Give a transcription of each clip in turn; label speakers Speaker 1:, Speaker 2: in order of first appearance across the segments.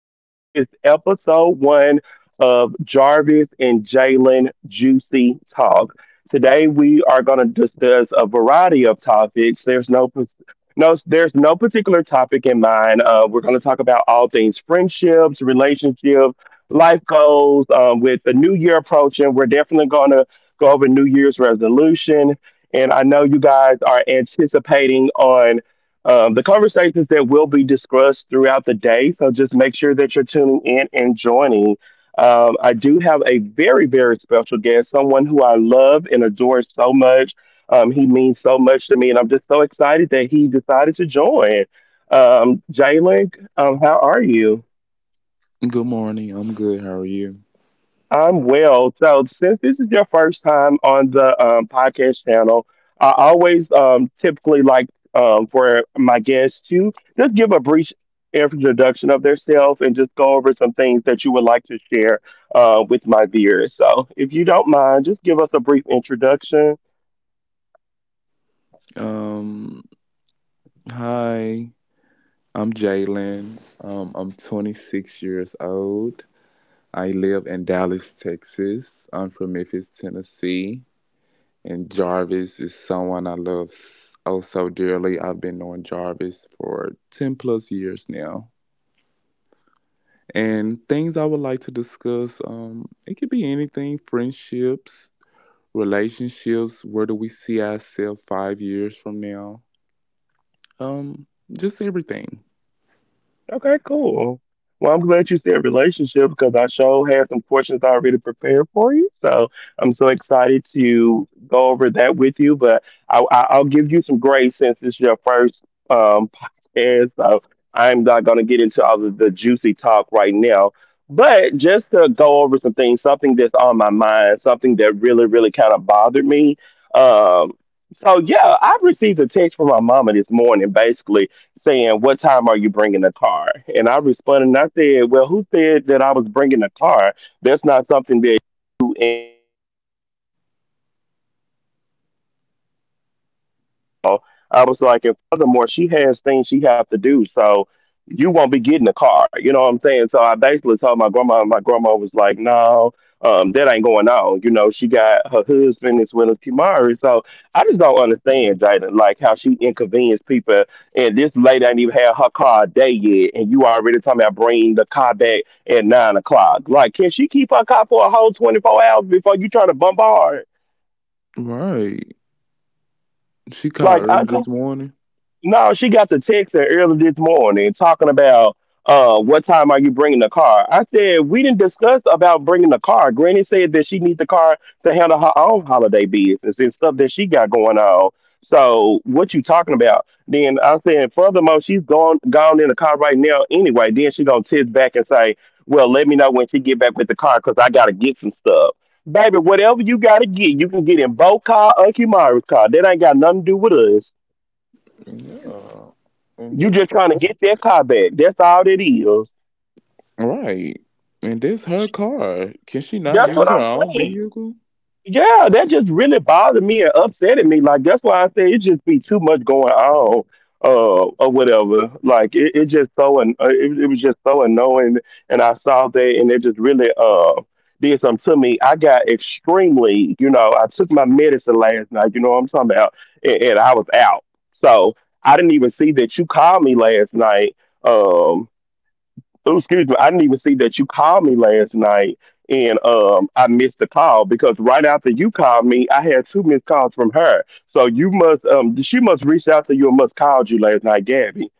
Speaker 1: This is episode one of Jarvis and Jalen Juicy Talk. Today we are going to discuss a variety of topics. There's no pa- No, there's no particular topic in mind. We're going to talk about all things friendships, relationships, life goals. With the new year approaching, we're definitely going to go over New Year's resolution. And I know you guys are anticipating on. The conversations that will be discussed throughout the day, so just make sure that you're tuning in and joining. I do have a very, very special guest, someone who I love and adore so much. He means so much to me, and I'm just so excited that he decided to join. Jalen, how are you?
Speaker 2: Good morning. I'm good. How are you?
Speaker 1: I'm well. So, since this is your first time on the podcast channel, I always typically like for my guests to just give a brief introduction of themselves and just go over some things that you would like to share with my viewers. So, if you don't mind, just give us a brief introduction.
Speaker 2: Um, Hi. I'm Jalen. I'm 26 years old. I live in Dallas, Texas. I'm from Memphis, Tennessee. And Jarvis is someone I love so dearly. I've been knowing Jarvis for 10 plus years now. And things I would like to discuss, it could be anything friendships, relationships. Where do we see ourselves 5 years from now? Um, just everything.
Speaker 1: Okay, cool. Well, I'm glad you said relationship because I sure had some questions already prepared for you. So I'm so excited to go over that with you. But I'll give you some grace since it's your first um, podcast. So I'm not going to get into all of the juicy talk right now. But just to go over some things, something that's on my mind, something that really, really kind of bothered me. Um, so, yeah, I received a text from my mama this morning, basically saying, "What time are you bringing a car?" And I responded and I said, "Well, who said that I was bringing a car? That's not something that you—" I was like, and furthermore, she has things she have to do, so you won't be getting a car. You know what I'm saying? So I basically told my grandma. And my grandma was like, no, that ain't going on. You know, she got her husband as well as Kimari. So I just don't understand, Jada, like how she inconvenienced people, and this lady ain't even had her car a day yet, and you already talking about bringing the car back at 9 o'clock. Like, can she keep her car for a whole 24 hours before you try to bombard?
Speaker 2: Right. She
Speaker 1: Like,
Speaker 2: called
Speaker 1: I—
Speaker 2: early this morning.
Speaker 1: no, she got the text that early this morning talking about what time are you bringing the car? I said we didn't discuss about bringing the car. Granny said that she needs the car to handle her own holiday business and stuff that she got going on. So what you talking about? Then I said, furthermore, she's gone gone in the car right now anyway. Then she gonna text back and say, well, let me know when she get back with the car because I gotta get some stuff. Baby, whatever you gotta get, you can get in both car or Kimara's car. That ain't got nothing to do with us.
Speaker 2: Yeah. And
Speaker 1: You
Speaker 2: this
Speaker 1: just trying to get their car back. That's all it is.
Speaker 2: Right. And this her car. Can she not
Speaker 1: That's
Speaker 2: use
Speaker 1: what
Speaker 2: her
Speaker 1: I'm
Speaker 2: own
Speaker 1: saying.
Speaker 2: vehicle?
Speaker 1: Yeah, that just really bothered me and upsetting me. Like that's why I say it just be too much going on, or whatever. Like it was just so annoying. And I saw that, and it just really did something to me. I got extremely, you know, I took my medicine last night. You know what I'm talking about, and I was out. So I didn't even see that you called me last night. um. So excuse me, I didn't even see that you called me last night and I missed the call because right after you called me, I had two missed calls from her. So you must she must reach out to you or must called you last night, Gabby.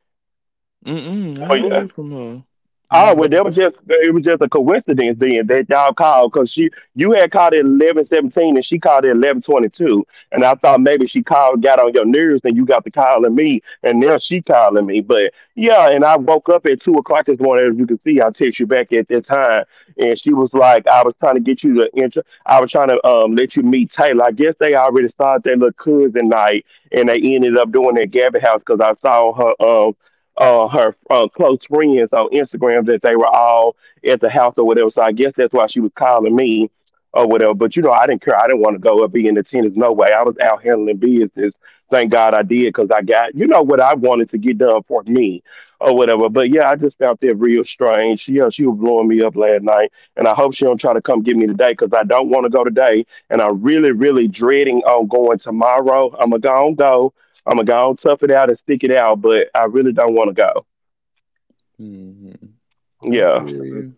Speaker 2: Mm-mm. I ain't
Speaker 1: Or—
Speaker 2: heard from her. I
Speaker 1: oh well,
Speaker 2: haven't
Speaker 1: that was just— it was just a coincidence then that y'all called because she you had called at 11:17 and she called at 11:22, and I thought maybe she called, got on your nerves, and you got to calling me, and now she calling me. But yeah, and I woke up at 2 o'clock this morning. As you can see, I text you back at that time, and she was like, I was trying to get you to intro— I was trying to let you meet Taylor. I guess they already started their little cousin night, and they ended up doing their Gabby house because I saw her her close friends on Instagram that they were all at the house or whatever. So I guess that's why she was calling me or whatever. But you know, I didn't care. I didn't want to go and be in attendance. No way. I was out handling business. Thank God I did because I got, you know, what I wanted to get done for me or whatever. But yeah, I just found that real strange. Yeah, she was blowing me up last night, and I hope she don't try to come get me today because I don't want to go today, and I'm really, really dreading on going tomorrow. I'm gonna go on go. I'm gonna go tough it out and stick it out, but I really don't want to go.
Speaker 2: Mm-hmm. I
Speaker 1: Yeah.
Speaker 2: feel you.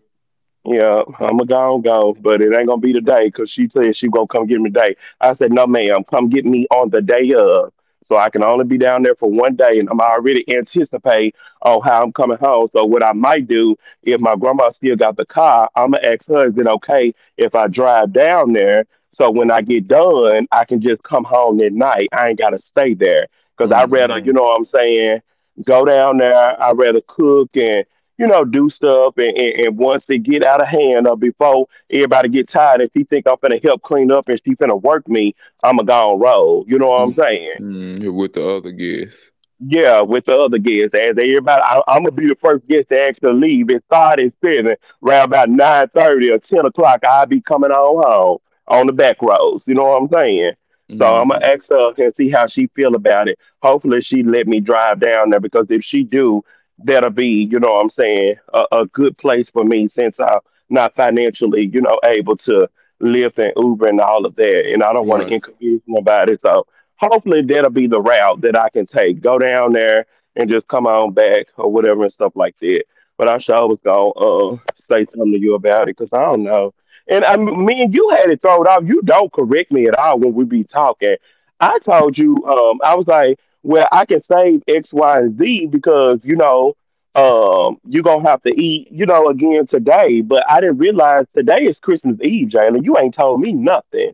Speaker 1: Yeah, I'm a gone go, but it ain't gonna be today because she said she gonna come get me today. I said, no, ma'am, come get me on the day of. So I can only be down there for one day and I'm already anticipate on how I'm coming home. So what I might do if my grandma still got the car, I'ma ask her, is it okay if I drive down there? So when I get done, I can just come home at night. I ain't gotta stay there. Cause I rather, you know
Speaker 2: Mm-hmm.
Speaker 1: what I'm saying, go down there, I rather cook and, you know, do stuff, and once they get out of hand, or before everybody get tired, if she think I'm finna help clean up and she finna work me, I'm a gone roll. You know what I'm saying?
Speaker 2: Mm-hmm. With the other guest.
Speaker 1: Yeah, with the other guests, as everybody, I'm gonna be the first guest to actually leave. It started sitting around about nine thirty or ten o'clock. I'll be coming on home on the back roads. You know what I'm saying? So I'm gonna
Speaker 2: Mm-hmm.
Speaker 1: ask her and see how she feel about it. Hopefully, she let me drive down there because if she do, that'll be, you know what I'm saying, a good place for me since I'm not financially, you know, able to Lyft and Uber and all of that, and I don't want to
Speaker 2: Right.
Speaker 1: inconvenience nobody. So hopefully that'll be the route that I can take. Go down there and just come on back or whatever and stuff like that. But I sure was gonna say something to you about it because I don't know. And I me and you had it thrown off. You don't correct me at all when we be talking. I told you, I was like, well, I can save X, Y, and Z because you know, you gonna have to eat, you know, again today. But I didn't realize today is Christmas Eve, Jalen. You ain't told me nothing.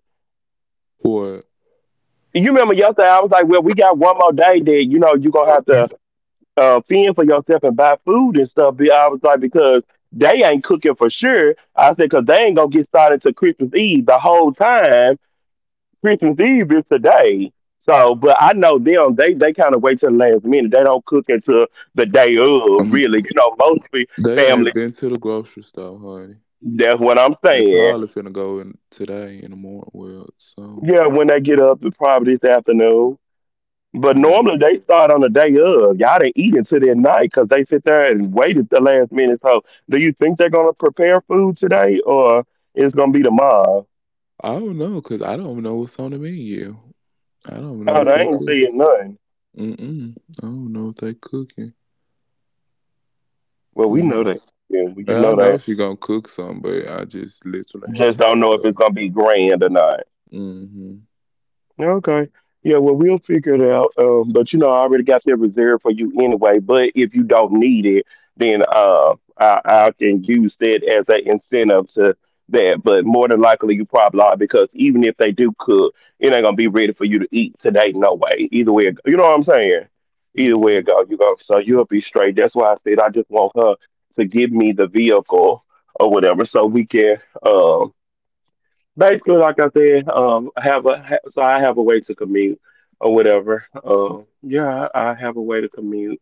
Speaker 3: What?
Speaker 1: You remember yesterday, I was like, well, we got one more day that, you know, you're going to have to fend for yourself and buy food and stuff. I was like, because they ain't cooking for sure. I said, because they ain't going to get started to Christmas Eve the whole time. Christmas Eve is today. So, but I know them, they kind of wait till the last minute. They don't cook until the day of,
Speaker 3: Um,
Speaker 1: really. You know, most
Speaker 3: they
Speaker 1: families,
Speaker 3: ain't been to the grocery store, honey.
Speaker 1: that's what I'm
Speaker 3: They
Speaker 1: saying.
Speaker 3: probably finna go in today in the morning. Well, so
Speaker 1: Yeah, when they get up, probably this afternoon. But
Speaker 3: yeah.
Speaker 1: normally they start on the day of. Y'all didn't eat until that night because they sit there and wait at the last minute. So, do you think they're gonna prepare food today, or it's gonna be tomorrow?
Speaker 3: I don't know, cause I don't know what's on the menu. I don't know
Speaker 1: Oh,
Speaker 3: what
Speaker 1: they
Speaker 3: they
Speaker 1: ain't
Speaker 3: cook.
Speaker 1: saying nothing.
Speaker 3: Mm-mm. I don't know what they cooking.
Speaker 1: Well, we know
Speaker 3: Like,
Speaker 1: that. Yeah, well, you
Speaker 3: I
Speaker 1: know
Speaker 3: know
Speaker 1: that.
Speaker 3: she gonna cook some, but I just literally have
Speaker 1: Just
Speaker 3: no
Speaker 1: don't know if
Speaker 3: clue.
Speaker 1: it's gonna be grand or not.
Speaker 3: Mm-hmm.
Speaker 1: Okay. Yeah, well, we'll figure it out. But you know, I already got that reserved for you anyway. But if you don't need it, then I can use that as an incentive to that. But more than likely, you probably are because even if they do cook, it ain't gonna be ready for you to eat today. No way. Either way, it go- You know what I'm saying. Either way it
Speaker 3: Mm.
Speaker 1: go, you go. So you'll be straight. That's why I said I just want her to give me the vehicle or whatever, so we can. Basically, like I said, I have a way to commute or whatever. Yeah, I have a way to commute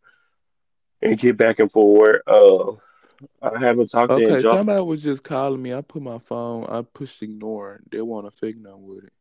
Speaker 1: and get back and forward. I haven't talked to
Speaker 3: Okay,
Speaker 1: Angel.
Speaker 3: somebody was just calling me. I put my phone. I pushed ignore. They want to fake now with it.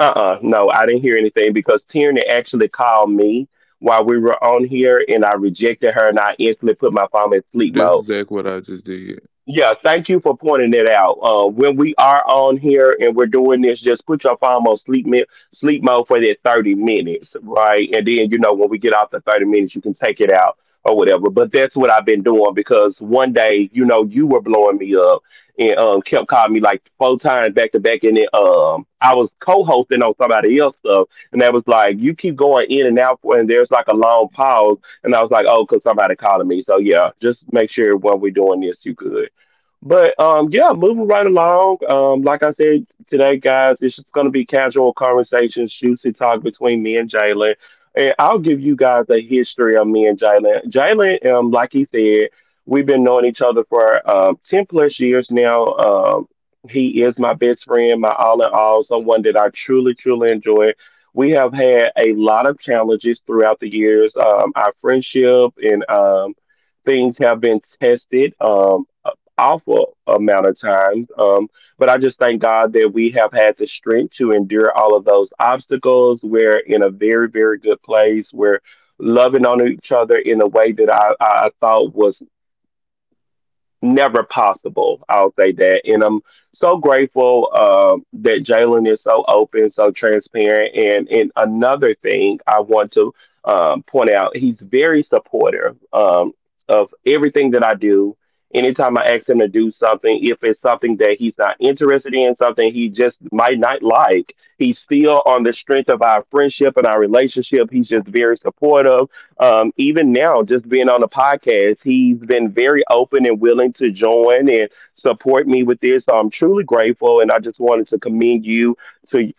Speaker 1: Uh-uh, no, I didn't hear anything because Tierney actually called me while we were on here, and I rejected her, and I instantly put my phone in sleep
Speaker 3: That's
Speaker 1: mode.
Speaker 3: exactly what I just did.
Speaker 1: Yeah, thank you for pointing that out. When we are on here and we're doing this, just put your phone on sleep mode for that 30 minutes, right? And then you know when we get off the 30 minutes, you can take it out or whatever. But that's what I've been doing because one day, you know, you were blowing me up and kept calling me like 4 times back to back, and then I was co-hosting on somebody else stuff, and that was like you keep going in and out, for, and there's like a long pause, and I was like, oh, 'cause somebody calling me. So yeah, just make sure when we're doing this, you good. But yeah, moving right along. Like I said today, guys, it's just gonna be casual conversations, juicy talk between me and Jalen. And I'll give you guys a history of me and Jalen. Jalen, like he said, we've been knowing each other for 10 plus years now. He is my best friend, my all in all, someone that I truly, truly enjoy. We have had a lot of challenges throughout the years. Our friendship and things have been tested. Awful amount of times. But I just thank God that we have had the strength to endure all of those obstacles. We're in a very, very good place. We're loving on each other in a way that I thought was never possible. I'll say that. And I'm so grateful that Jalen is so open, so transparent. And another thing I want to point out, he's very supportive of everything that I do. Anytime I ask him to do something, if it's something that he's not interested in, something he just might not like, he's still on the strength of our friendship and our relationship. He's just very supportive even now, just being on the podcast, he's been very open and willing to join and support me with this. So I'm truly grateful, and I just wanted to commend you to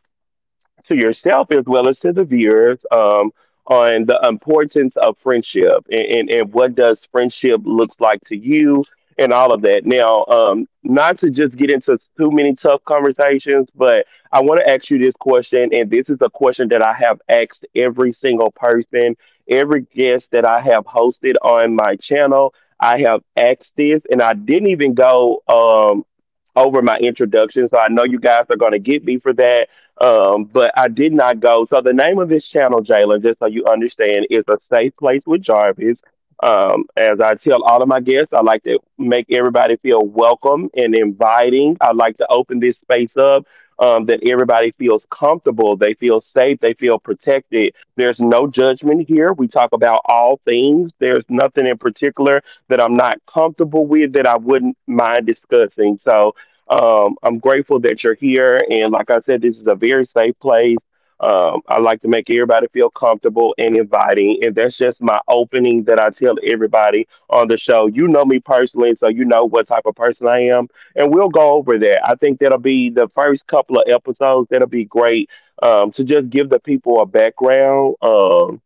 Speaker 1: to yourself as well as to the viewers on the importance of friendship and what does friendship looks like to you and all of that. Now, not to just get into too many tough conversations, but I want to ask you this question, and this is a question that I have asked every single person, every guest that I have hosted on my channel. I have asked this, and I didn't even go over my introduction, so I know you guys are going to get me for that but I did not go. So the name of this channel, Jalen, just so you understand, is a safe place with Jarvis. As I tell all of my guests, I like to make everybody feel welcome and inviting. I like to open this space up that everybody feels comfortable, they feel safe, they feel protected. There's no judgment here. We talk about all things. There's nothing in particular that I'm not comfortable with that I wouldn't mind discussing. So I'm grateful that you're here. And like I said, this is a very safe place. I like to make everybody feel comfortable and inviting. And that's just my opening that I tell everybody on the show. You know me personally, so you know what type of person I am. And we'll go over that. I think that'll be the first couple of episodes. That'll be great to just give the people a background.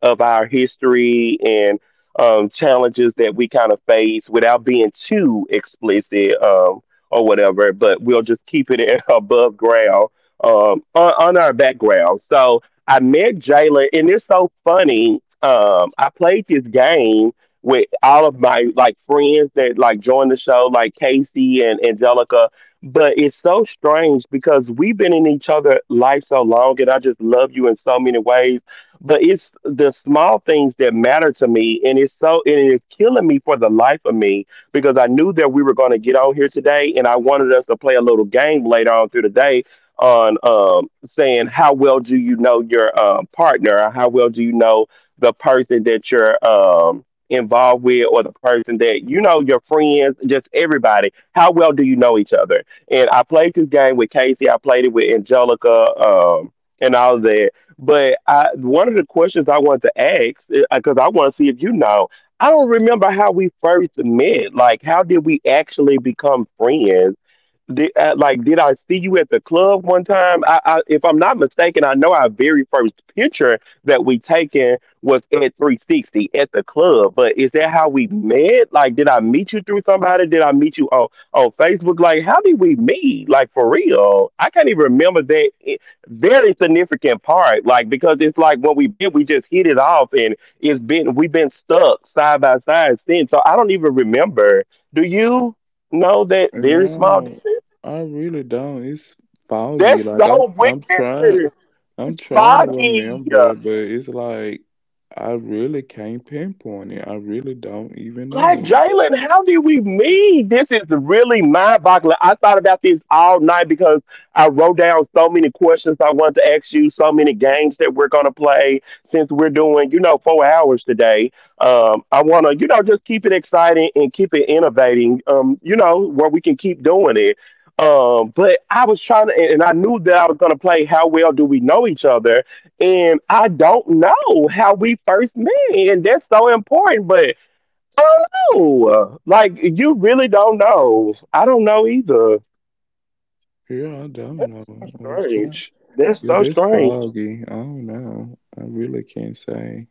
Speaker 1: Of our history and challenges that we kind of face without being too explicit or whatever, but we'll just above ground on our background. So I met Jalen, and it's so funny. I played this game with all of my like friends that like joined the show, like Casey and Angelica. But it's so strange because we've been in each other life so long, and I just love you in so many ways, but it's the small things that matter to me, and it's so, and it is killing me for the life of me because I knew that we were going to get on here today, and I wanted us to play a little game later on through the day on saying how well do you know your partner, or how well do you know the person that you're involved with, or the person that you know your friends, just everybody, how well do you know each other. And I played this game with casey, I played it with angelica and all that. But I, one of the questions I wanted to ask, because I want to see if you know, I don't remember how we first met. Like, how did we actually become friends? Did, like, did I see you at the club one time? If I'm not mistaken, I know our very first picture that we taken was at 360 at the club. But is that how we met? Like, did I meet you through somebody? Did I meet you on Facebook? Like, how did we meet? Like, for real? I can't even remember very significant part. Like, because it's like when we met, we just hit it off, and it's been we've been stuck side by side since. So I don't even remember. Do you? Know that very small
Speaker 3: No,
Speaker 1: detail?
Speaker 3: I really don't. It's foggy.
Speaker 1: That's
Speaker 3: Like I'm,
Speaker 1: so
Speaker 3: I'm trying,
Speaker 1: weird.
Speaker 3: I'm
Speaker 1: It's
Speaker 3: trying to
Speaker 1: foggy.
Speaker 3: remember, but it's like I really can't pinpoint it. I really don't even
Speaker 1: Like
Speaker 3: know.
Speaker 1: Jalen, how did we meet? This is really mind boggling. I thought about this all night because I wrote down so many questions I wanted to ask you, so many games that we're gonna play since we're doing, you know, 4 hours today. I wanna, you know, just keep it exciting and keep it innovating. You know, where we can keep doing it. But I was trying to, and I knew that I was gonna play. How well do we know each other? And I don't know how we first met, and that's so important. But I don't know. Like you really don't know. I don't know either.
Speaker 3: Yeah, I don't know.
Speaker 1: That's so
Speaker 3: I was trying.
Speaker 1: strange. That's
Speaker 3: Yeah,
Speaker 1: so
Speaker 3: that's
Speaker 1: strange.
Speaker 3: foggy. I don't know. I really can't say.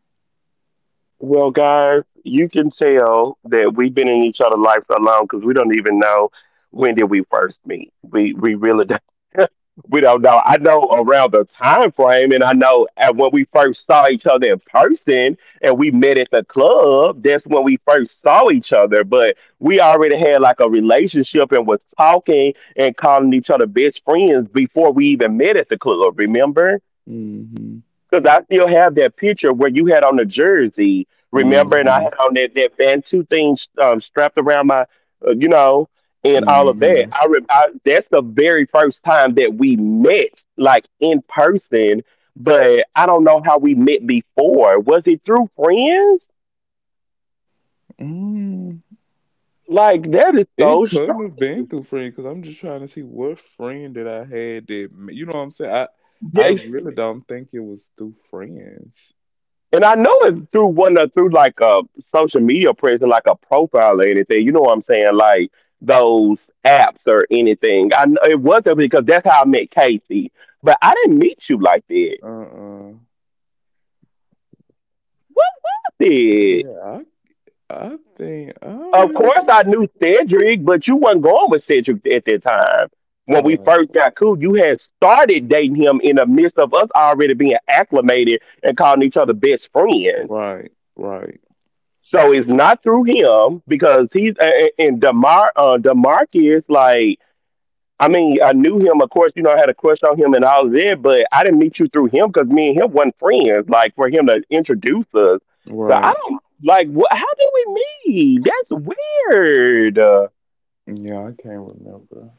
Speaker 1: Well, guys, you can tell that we've been in each other's lives so long because we don't even know when did we first meet. We really don't. We don't know. I know around the time frame, and I know at when we first saw each other in person, and we met at the club. That's when we first saw each other. But we already had like a relationship and was talking and calling each other best friends before we even met at the club. Remember?
Speaker 3: Mm-hmm.
Speaker 1: Because I still have that picture where you had on the jersey, remember? And I
Speaker 3: Mm-hmm.
Speaker 1: had on that, that Bantu thing strapped around my, you know, and all of that.
Speaker 3: Mm-hmm.
Speaker 1: I, re- I That's the very first time that we met, like in person. But I don't know how we met before. Was it through friends?
Speaker 3: Mm.
Speaker 1: Like, that is so
Speaker 3: It couldn't have been
Speaker 1: strange.
Speaker 3: through friend because I'm just trying to see what friend that I had that you know what I'm saying. I
Speaker 1: Yeah.
Speaker 3: really don't think it was through friends.
Speaker 1: And I know it through one of through like a social media presence, like a profile or anything. You know what I'm saying? Like those apps or anything. I know it wasn't because that's how I met Casey. But I didn't meet you like that.
Speaker 3: Uh.
Speaker 1: What did?
Speaker 3: Yeah, I I think I don't
Speaker 1: Of
Speaker 3: really
Speaker 1: course
Speaker 3: can
Speaker 1: I knew Cedric, but you wasn't going with Cedric at that time. When we
Speaker 3: Right,
Speaker 1: first got cool, you had started dating him in the midst of us already being acclimated and calling each other best friends.
Speaker 3: right, right,
Speaker 1: So it's not through him because he's and Demar Demarcus. Like I mean, I knew him. Of course, you know I had a crush on him and all of that, but I didn't meet you through him because me and him weren't friends. Like for him to introduce us, so I
Speaker 3: right.
Speaker 1: don't like. What, how did we meet? That's weird.
Speaker 3: Yeah, I can't remember.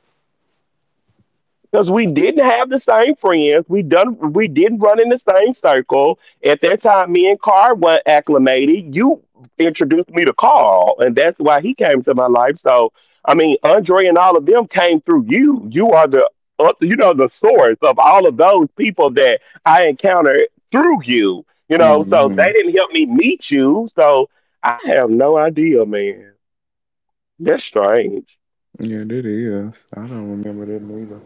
Speaker 1: Because we didn't have the same friends. We didn't run in the same circle. At that time, me and Carl weren't acclimated. You introduced me to Carl, and that's why he came to my life. So I mean, Andre and all of them came through you. You are the the source of all of those people that I encountered through you. You know, so
Speaker 3: Mm-hmm.
Speaker 1: they didn't help me meet you. So I have no idea, man. That's strange.
Speaker 3: Yeah, that is. I don't remember that neither.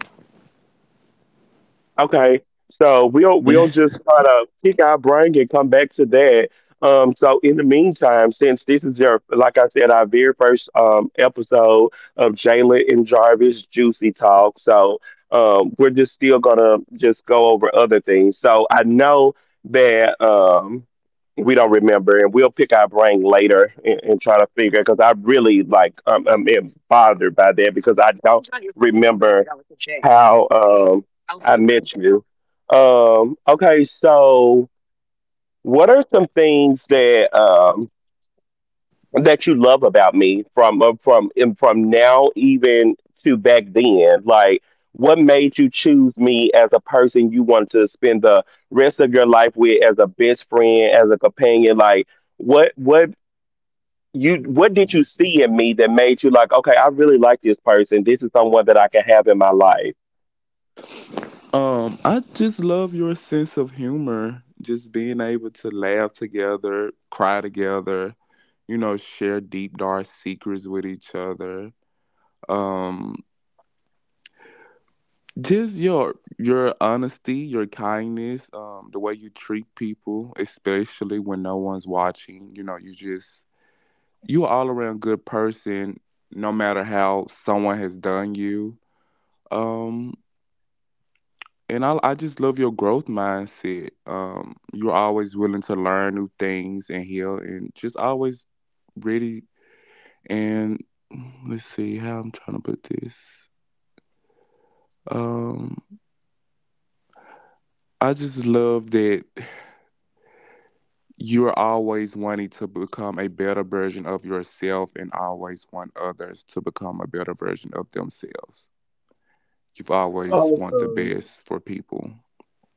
Speaker 1: Okay, so we'll just try to pick our brain and come back to that. So in the meantime, since this is your, like I said, our very first episode of Jalen and Jarvis Juicy Talk, so we're just still gonna just go over other things. So I know that we don't remember, and we'll pick our brain later and, try to figure because I really like I'm bothered by that because I don't remember how. I met you. Okay, so what are some things that that you love about me from and from now even to back then? Like, what made you choose me as a person you want to spend the rest of your life with as a best friend, as a companion? Like, what what what did you see in me that made you like, okay, I really like this person. This is someone that I can have in my life.
Speaker 3: I just love your sense of humor. Just being able to laugh together, cry together, you know, share deep dark secrets with each other. Um, just your honesty, your kindness, the way you treat people, especially when no one's watching. You know, you just you're all around good person, no matter how someone has done you. Um, And I just love your growth mindset. You're always willing to learn new things and heal, and just always ready. And let's see how I'm trying to put this. Um, I just love that you're always wanting to become a better version of yourself, and always want others to become a better version of themselves. You've always want the
Speaker 1: Awesome.
Speaker 3: best for people.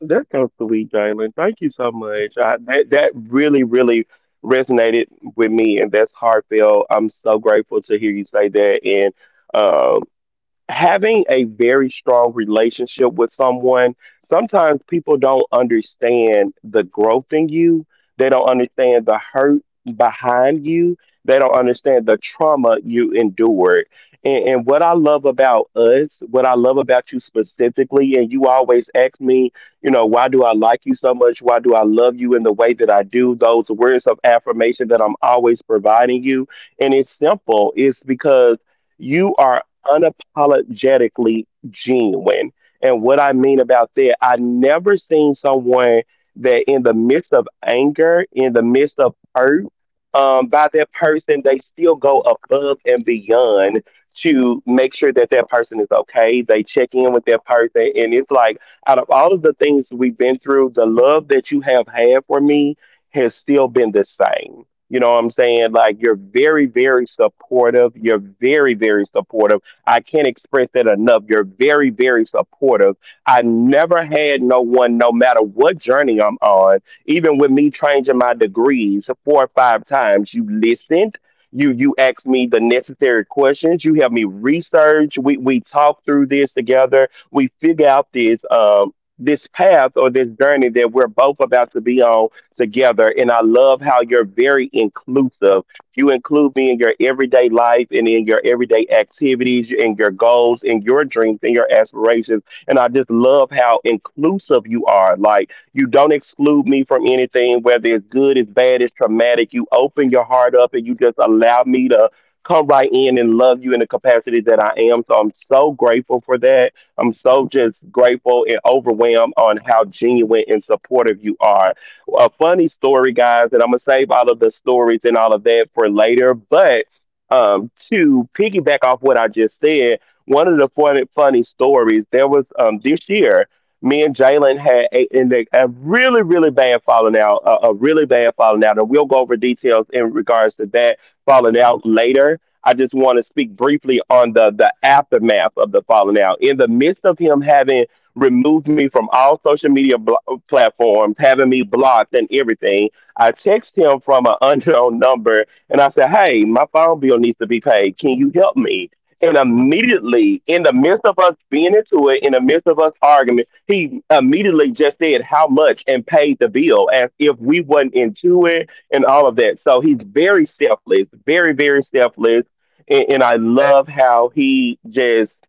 Speaker 1: That sounds sweet, Jalen. Thank you so much. I, that really, really resonated with me, and that's heartfelt. I'm so grateful to hear you say that, and um, having a very strong relationship with someone, sometimes people don't understand the growth in you. They don't understand the hurt behind you. They don't understand the trauma you endured. And what I love about us, what I love about you specifically, and you always ask me, you know, why do I like you so much? Why do I love you in the way that I do? Those words of affirmation that I'm always providing you. And it's simple, it's because you are unapologetically genuine. And what I mean about that, I never seen someone that in the midst of anger, in the midst of hurt, by that person, they still go above and beyond to make sure that that person is okay. They check in with that person. And it's like, out of all of the things we've been through, the love that you have had for me has still been the same. You know what I'm saying? Like, you're very, very supportive. You're very, very supportive. I can't express that enough. You're very, very supportive. I never had no one, no matter what journey I'm on, even with me changing my degrees four or five times, you listened. You asked me the necessary questions. You helped me research. We talk through this together. We figure out this this path or this journey that we're both about to be on together. And I love how you're very inclusive. You include me in your everyday life and in your everyday activities, in your goals, in your dreams, in your aspirations. And I just love how inclusive you are. Like, you don't exclude me from anything, whether it's good, it's bad, it's traumatic. You open your heart up and you just allow me to come right in and love you in the capacity that I am. So I'm so grateful for that. I'm so just grateful and overwhelmed on how genuine and supportive you are. A funny story, guys, and I'm gonna save all of the stories and all of that for later. But to piggyback off what I just said, one of the funny, funny stories there was this year. Me and Jalen had a, in the, a really, really bad falling out, a really bad falling out, and we'll go over details in regards to that falling out later. I just want to speak briefly on the aftermath of the falling out. In the midst of him having removed me from all social media platforms, having me blocked and everything. I text him from an unknown number and I said, "Hey, my phone bill needs to be paid. Can you help me?" And immediately, in the midst of us being into it, in the midst of us arguing, he immediately just said how much and paid the bill as if we wasn't into it and all of that. So he's very selfless, very, very selfless. And I love how he just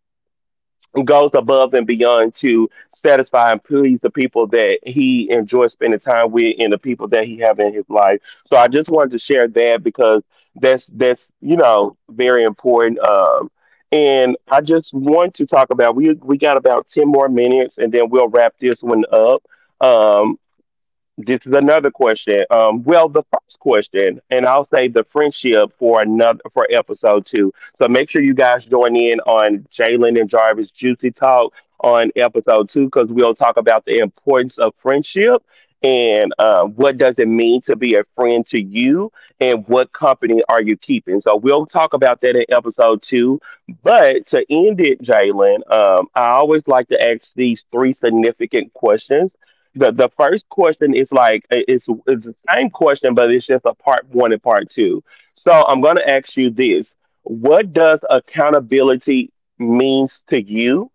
Speaker 1: goes above and beyond to satisfy and please the people that he enjoys spending time with and the people that he have in his life. So I just wanted to share that because that's you know very important. And I just want to talk about we got about 10 more minutes and then we'll wrap this one up. Um, this is another question. Well, the first question, and I'll save the friendship for episode 2. So make sure you guys join in on Jalen and Jarvis Juicy Talk on episode 2 because we'll talk about the importance of friendship and what does it mean to be a friend to you and what company are you keeping. So we'll talk about that in episode 2. But to end it, Jalen, I always like to ask these three significant questions. The first question is like it's the same question, but it's just a part 1 and part 2. So I'm gonna ask you this: what does accountability means to you,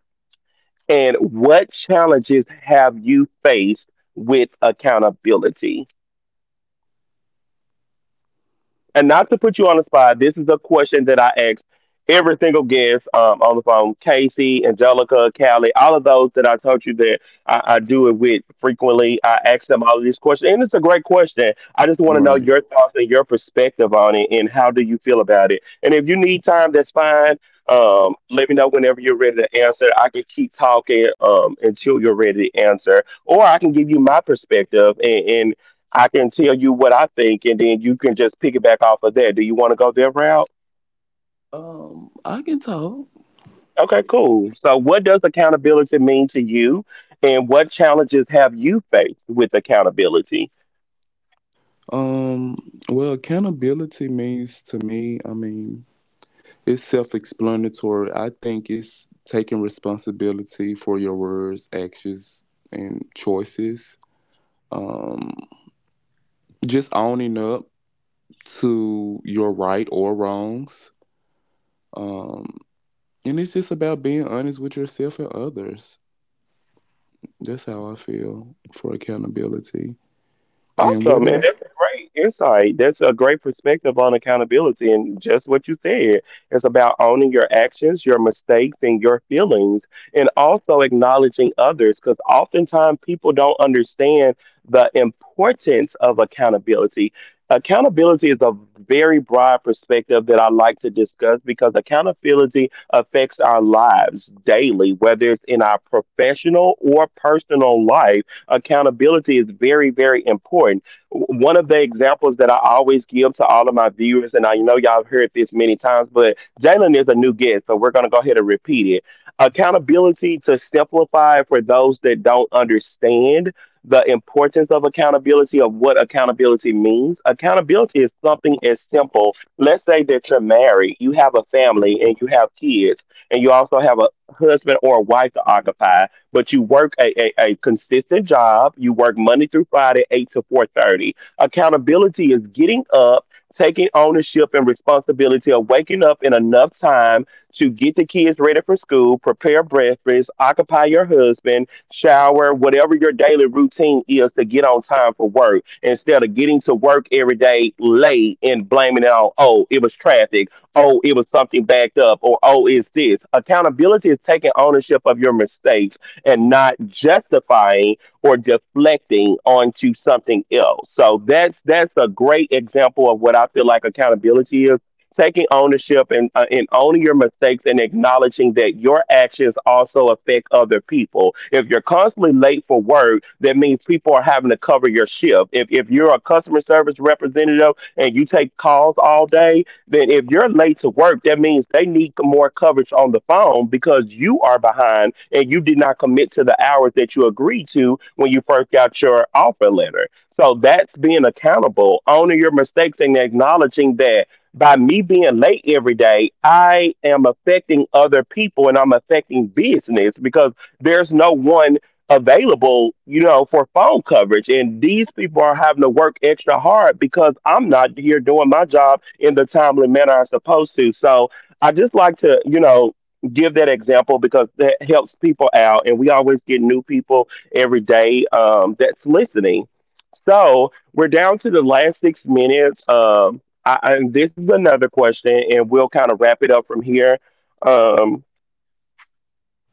Speaker 1: and what challenges have you faced with accountability? And not to put you on the spot, this is a question that I ask every single guest on the phone: Casey, Angelica, Callie, all of those that I told you that I do it with frequently. I ask them all of these questions. And it's a great question. I just want to know
Speaker 3: Right.
Speaker 1: your thoughts and your perspective on it and how do you feel about it. And if you need time, that's fine. Let me know whenever you're ready to answer. I can keep talking until you're ready to answer, or I can give you my perspective and. I can tell you what I think, and then you can just piggyback off of that. Do you want to go there route?
Speaker 3: I can talk.
Speaker 1: Okay, cool. So, what does accountability mean to you, and what challenges have you faced with accountability?
Speaker 3: Um, well, accountability means to me, I mean, it's self explanatory. I think it's taking responsibility for your words, actions, and choices. Um, just owning up to your right or wrongs. Um, and it's just about being honest with yourself and others. That's how I feel for accountability. And what
Speaker 1: Awesome, man. That's
Speaker 3: else?
Speaker 1: a great insight. That's a great perspective on accountability. And just what you said, it's about owning your actions, your mistakes, and your feelings, and also acknowledging others because oftentimes people don't understand the importance of accountability. Accountability is a very broad perspective that I like to discuss because accountability affects our lives daily, whether it's in our professional or personal life. Accountability is very, very important. One of the examples that I always give to all of my viewers, and I know y'all have heard this many times, but Jalen is a new guest, so we're going to go ahead and repeat it. Accountability, to simplify for those that don't understand the importance of accountability of what accountability means. Accountability is something as simple. Let's say that you're married, you have a family, and you have kids, and you also have a husband or a wife to occupy but you work a consistent job. You work Monday through Friday, 8 to 4:30. Accountability is getting up, taking ownership and responsibility of waking up in enough time to get the kids ready for school, prepare breakfast, occupy your husband, shower, whatever your daily routine is to get on time for work instead of getting to work every day late and blaming it on, oh, it was traffic, oh, it was something backed up, or oh, it's this. Accountability is taking ownership of your mistakes and not justifying or deflecting onto something else. So that's a great example of what I feel like accountability is. Taking ownership and owning your mistakes and acknowledging that your actions also affect other people. If you're constantly late for work, that means people are having to cover your shift. If you're a customer service representative and you take calls all day, then if you're late to work, that means they need more coverage on the phone because you are behind and you did not commit to the hours that you agreed to when you first got your offer letter. So that's being accountable, owning your mistakes, and acknowledging that by me being late every day, I am affecting other people and I'm affecting business because there's no one available, you know, for phone coverage. And these people are having to work extra hard because I'm not here doing my job in the timely manner I'm supposed to. So I just like to, you know, give that example because that helps people out. And we always get new people every day that's listening. So we're down to the last 6 minutes. And this is another question, and we'll kind of wrap it up from here. Um,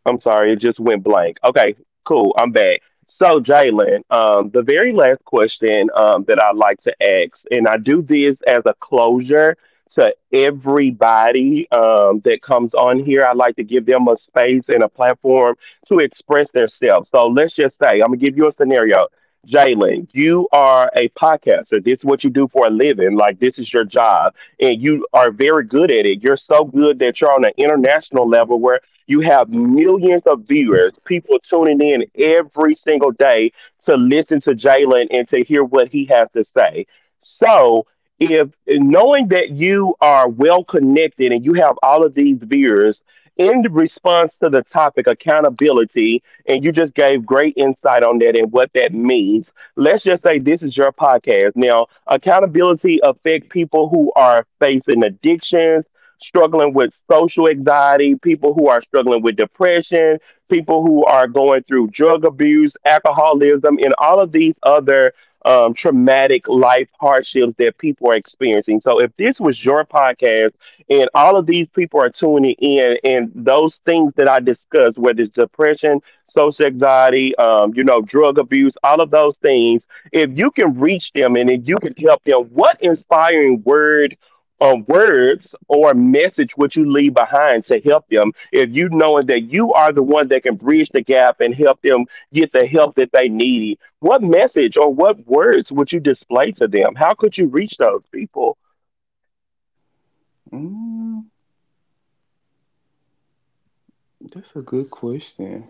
Speaker 1: I'm sorry, it just went blank. Okay, cool. I'm back. So, Jalen, the very last question that I'd like to ask, and I do this as a closure to everybody that comes on here. I like to give them a space and a platform to express themselves. So, let's just say I'm gonna give you a scenario. Jalen, you are a podcaster. This is what you do for a living. Like, this is your job, and you are very good at it. You're so good that you're on an international level where you have millions of viewers, people tuning in every single day to listen to Jalen and to hear what he has to say. So, if knowing that you are well connected and you have all of these viewers in response to the topic accountability, and you just gave great insight on that and what that means, let's just say this is your podcast. Now, accountability affect people who are facing addictions struggling with social anxiety, people who are struggling with depression, people who are going through drug abuse, alcoholism, and all of these other traumatic life hardships that people are experiencing. So, if this was your podcast and all of these people are tuning in, and those things that I discussed, whether it's depression, social anxiety, you know, drug abuse, all of those things, if you can reach them and if you can help them, what inspiring word words or a message would you leave behind to help them if you knowing that you are the one that can bridge the gap and help them get the help that they need, what message or what words would you display to them? How could you reach those people?
Speaker 3: Mm, that's a good question.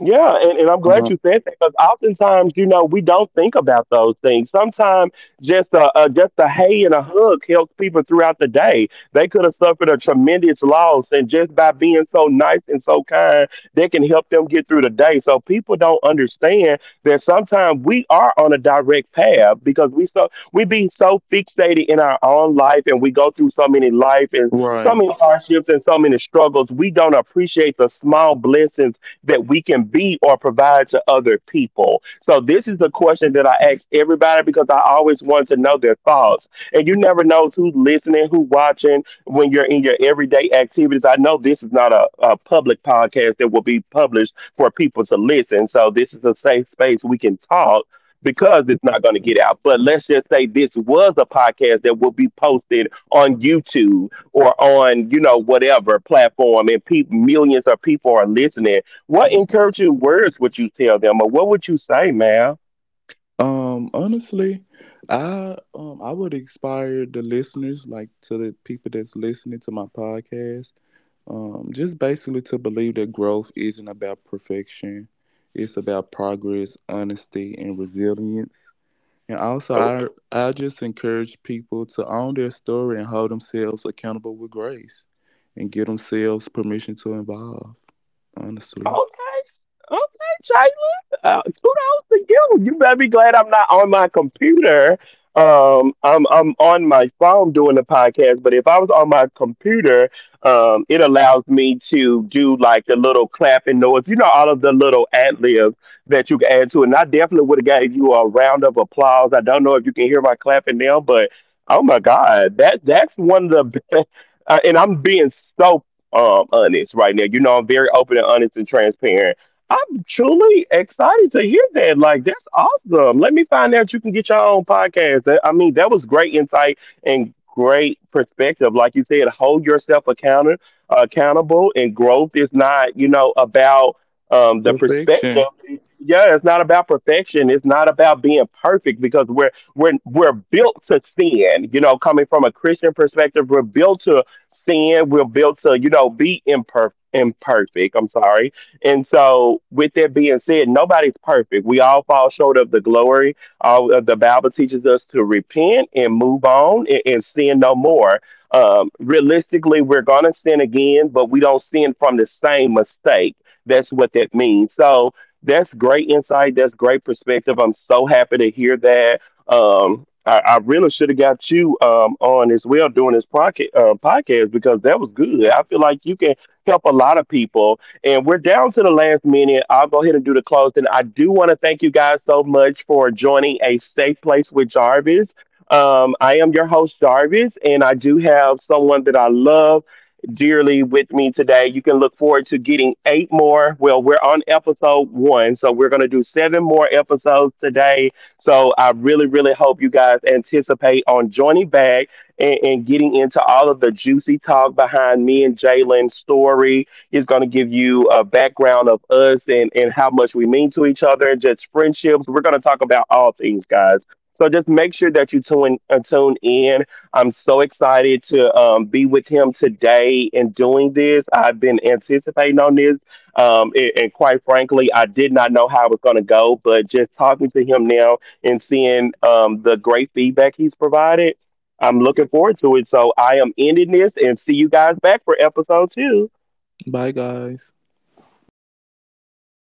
Speaker 1: Yeah, and I'm glad
Speaker 3: Uh,
Speaker 1: you said that because oftentimes, you know, we don't think about those things. Sometimes just a hay and a hug helps people throughout the day. They could have suffered a tremendous loss, and just by being so nice and so kind, they can help them get through the day. So people don't understand that sometimes we are on a direct path because we so we be so fixated in our own life, and we go through so many life and so
Speaker 3: right.
Speaker 1: many hardships and so many struggles. We don't appreciate the small blessings that we can be or provide to other people. So this is the question that I ask everybody because I always want to know their thoughts. And you never know who's listening, who's watching when you're in your everyday activities. I know this is not a public podcast that will be published for people to listen. So this is a safe space we can talk because it's not going to get out. But let's just say this was a podcast that will be posted on YouTube or on, you know, whatever platform and people millions of people are listening. What encouraging words would you tell them, or what would you say, ma'am?
Speaker 3: Honestly, I would inspire the listeners, like to the people that's listening to my podcast, just basically to believe that growth isn't about perfection. It's about progress, honesty, and resilience. And also I just encourage people to own their story and hold themselves accountable with grace and give themselves permission to evolve, honestly.
Speaker 1: Okay, okay, Jalen. Kudos to you. You better be glad I'm not on my computer. Um, I'm on my phone doing the podcast, but if I was on my computer, it allows me to do like the little clapping noise. You know, all of the little ad libs that you can add to it. And I definitely would have gave you a round of applause. I don't know if you can hear my clapping now, but oh my God, that's one of the best. And I'm being so honest right now. You know, I'm very open and honest and transparent. I'm truly excited to hear that. Like, that's awesome. Let me find out you can get your own podcast. I mean, that was great insight and great perspective. Like you said, hold yourself accountable, and growth is not, you know, about the perspective.
Speaker 3: Perfection.
Speaker 1: Yeah, it's not about perfection. It's not about being perfect because we're built to sin. You know, coming from a Christian perspective, we're built to sin, we're built to, you know, be imperfect. I'm sorry. And so with that being said, nobody's perfect. We all fall short of the glory. All of the Bible teaches us to repent and move on, and sin no more. Realistically, we're gonna sin again, but we don't sin from the same mistake. That's what that means. So that's great insight, that's great perspective. I'm so happy to hear that. I really should have got you on as well doing this podcast because that was good. I feel like you can help a lot of people. And we're down to the last minute. I'll go ahead and do the closing. I do want to thank you guys so much for joining A Safe Place with Jarvis. I am your host, Jarvis, and I do have someone that I love dearly with me today. You can look forward to getting eight more. Well, we're on episode 1, so we're going to do seven more episodes today, so I really, really hope you guys anticipate on joining back and getting into all of the juicy talk behind me and Jalen's story. It's going to give you a background of us and how much we mean to each other and just friendships. We're going to talk about all things, guys. So just make sure that you tune in. I'm so excited to be with him today in doing this. I've been anticipating on this , and quite frankly, I did not know how it was going to go. But just talking to him now and seeing the great feedback he's provided. I'm looking forward to it. So I am ending this and see you guys back for episode 2.
Speaker 3: Bye guys.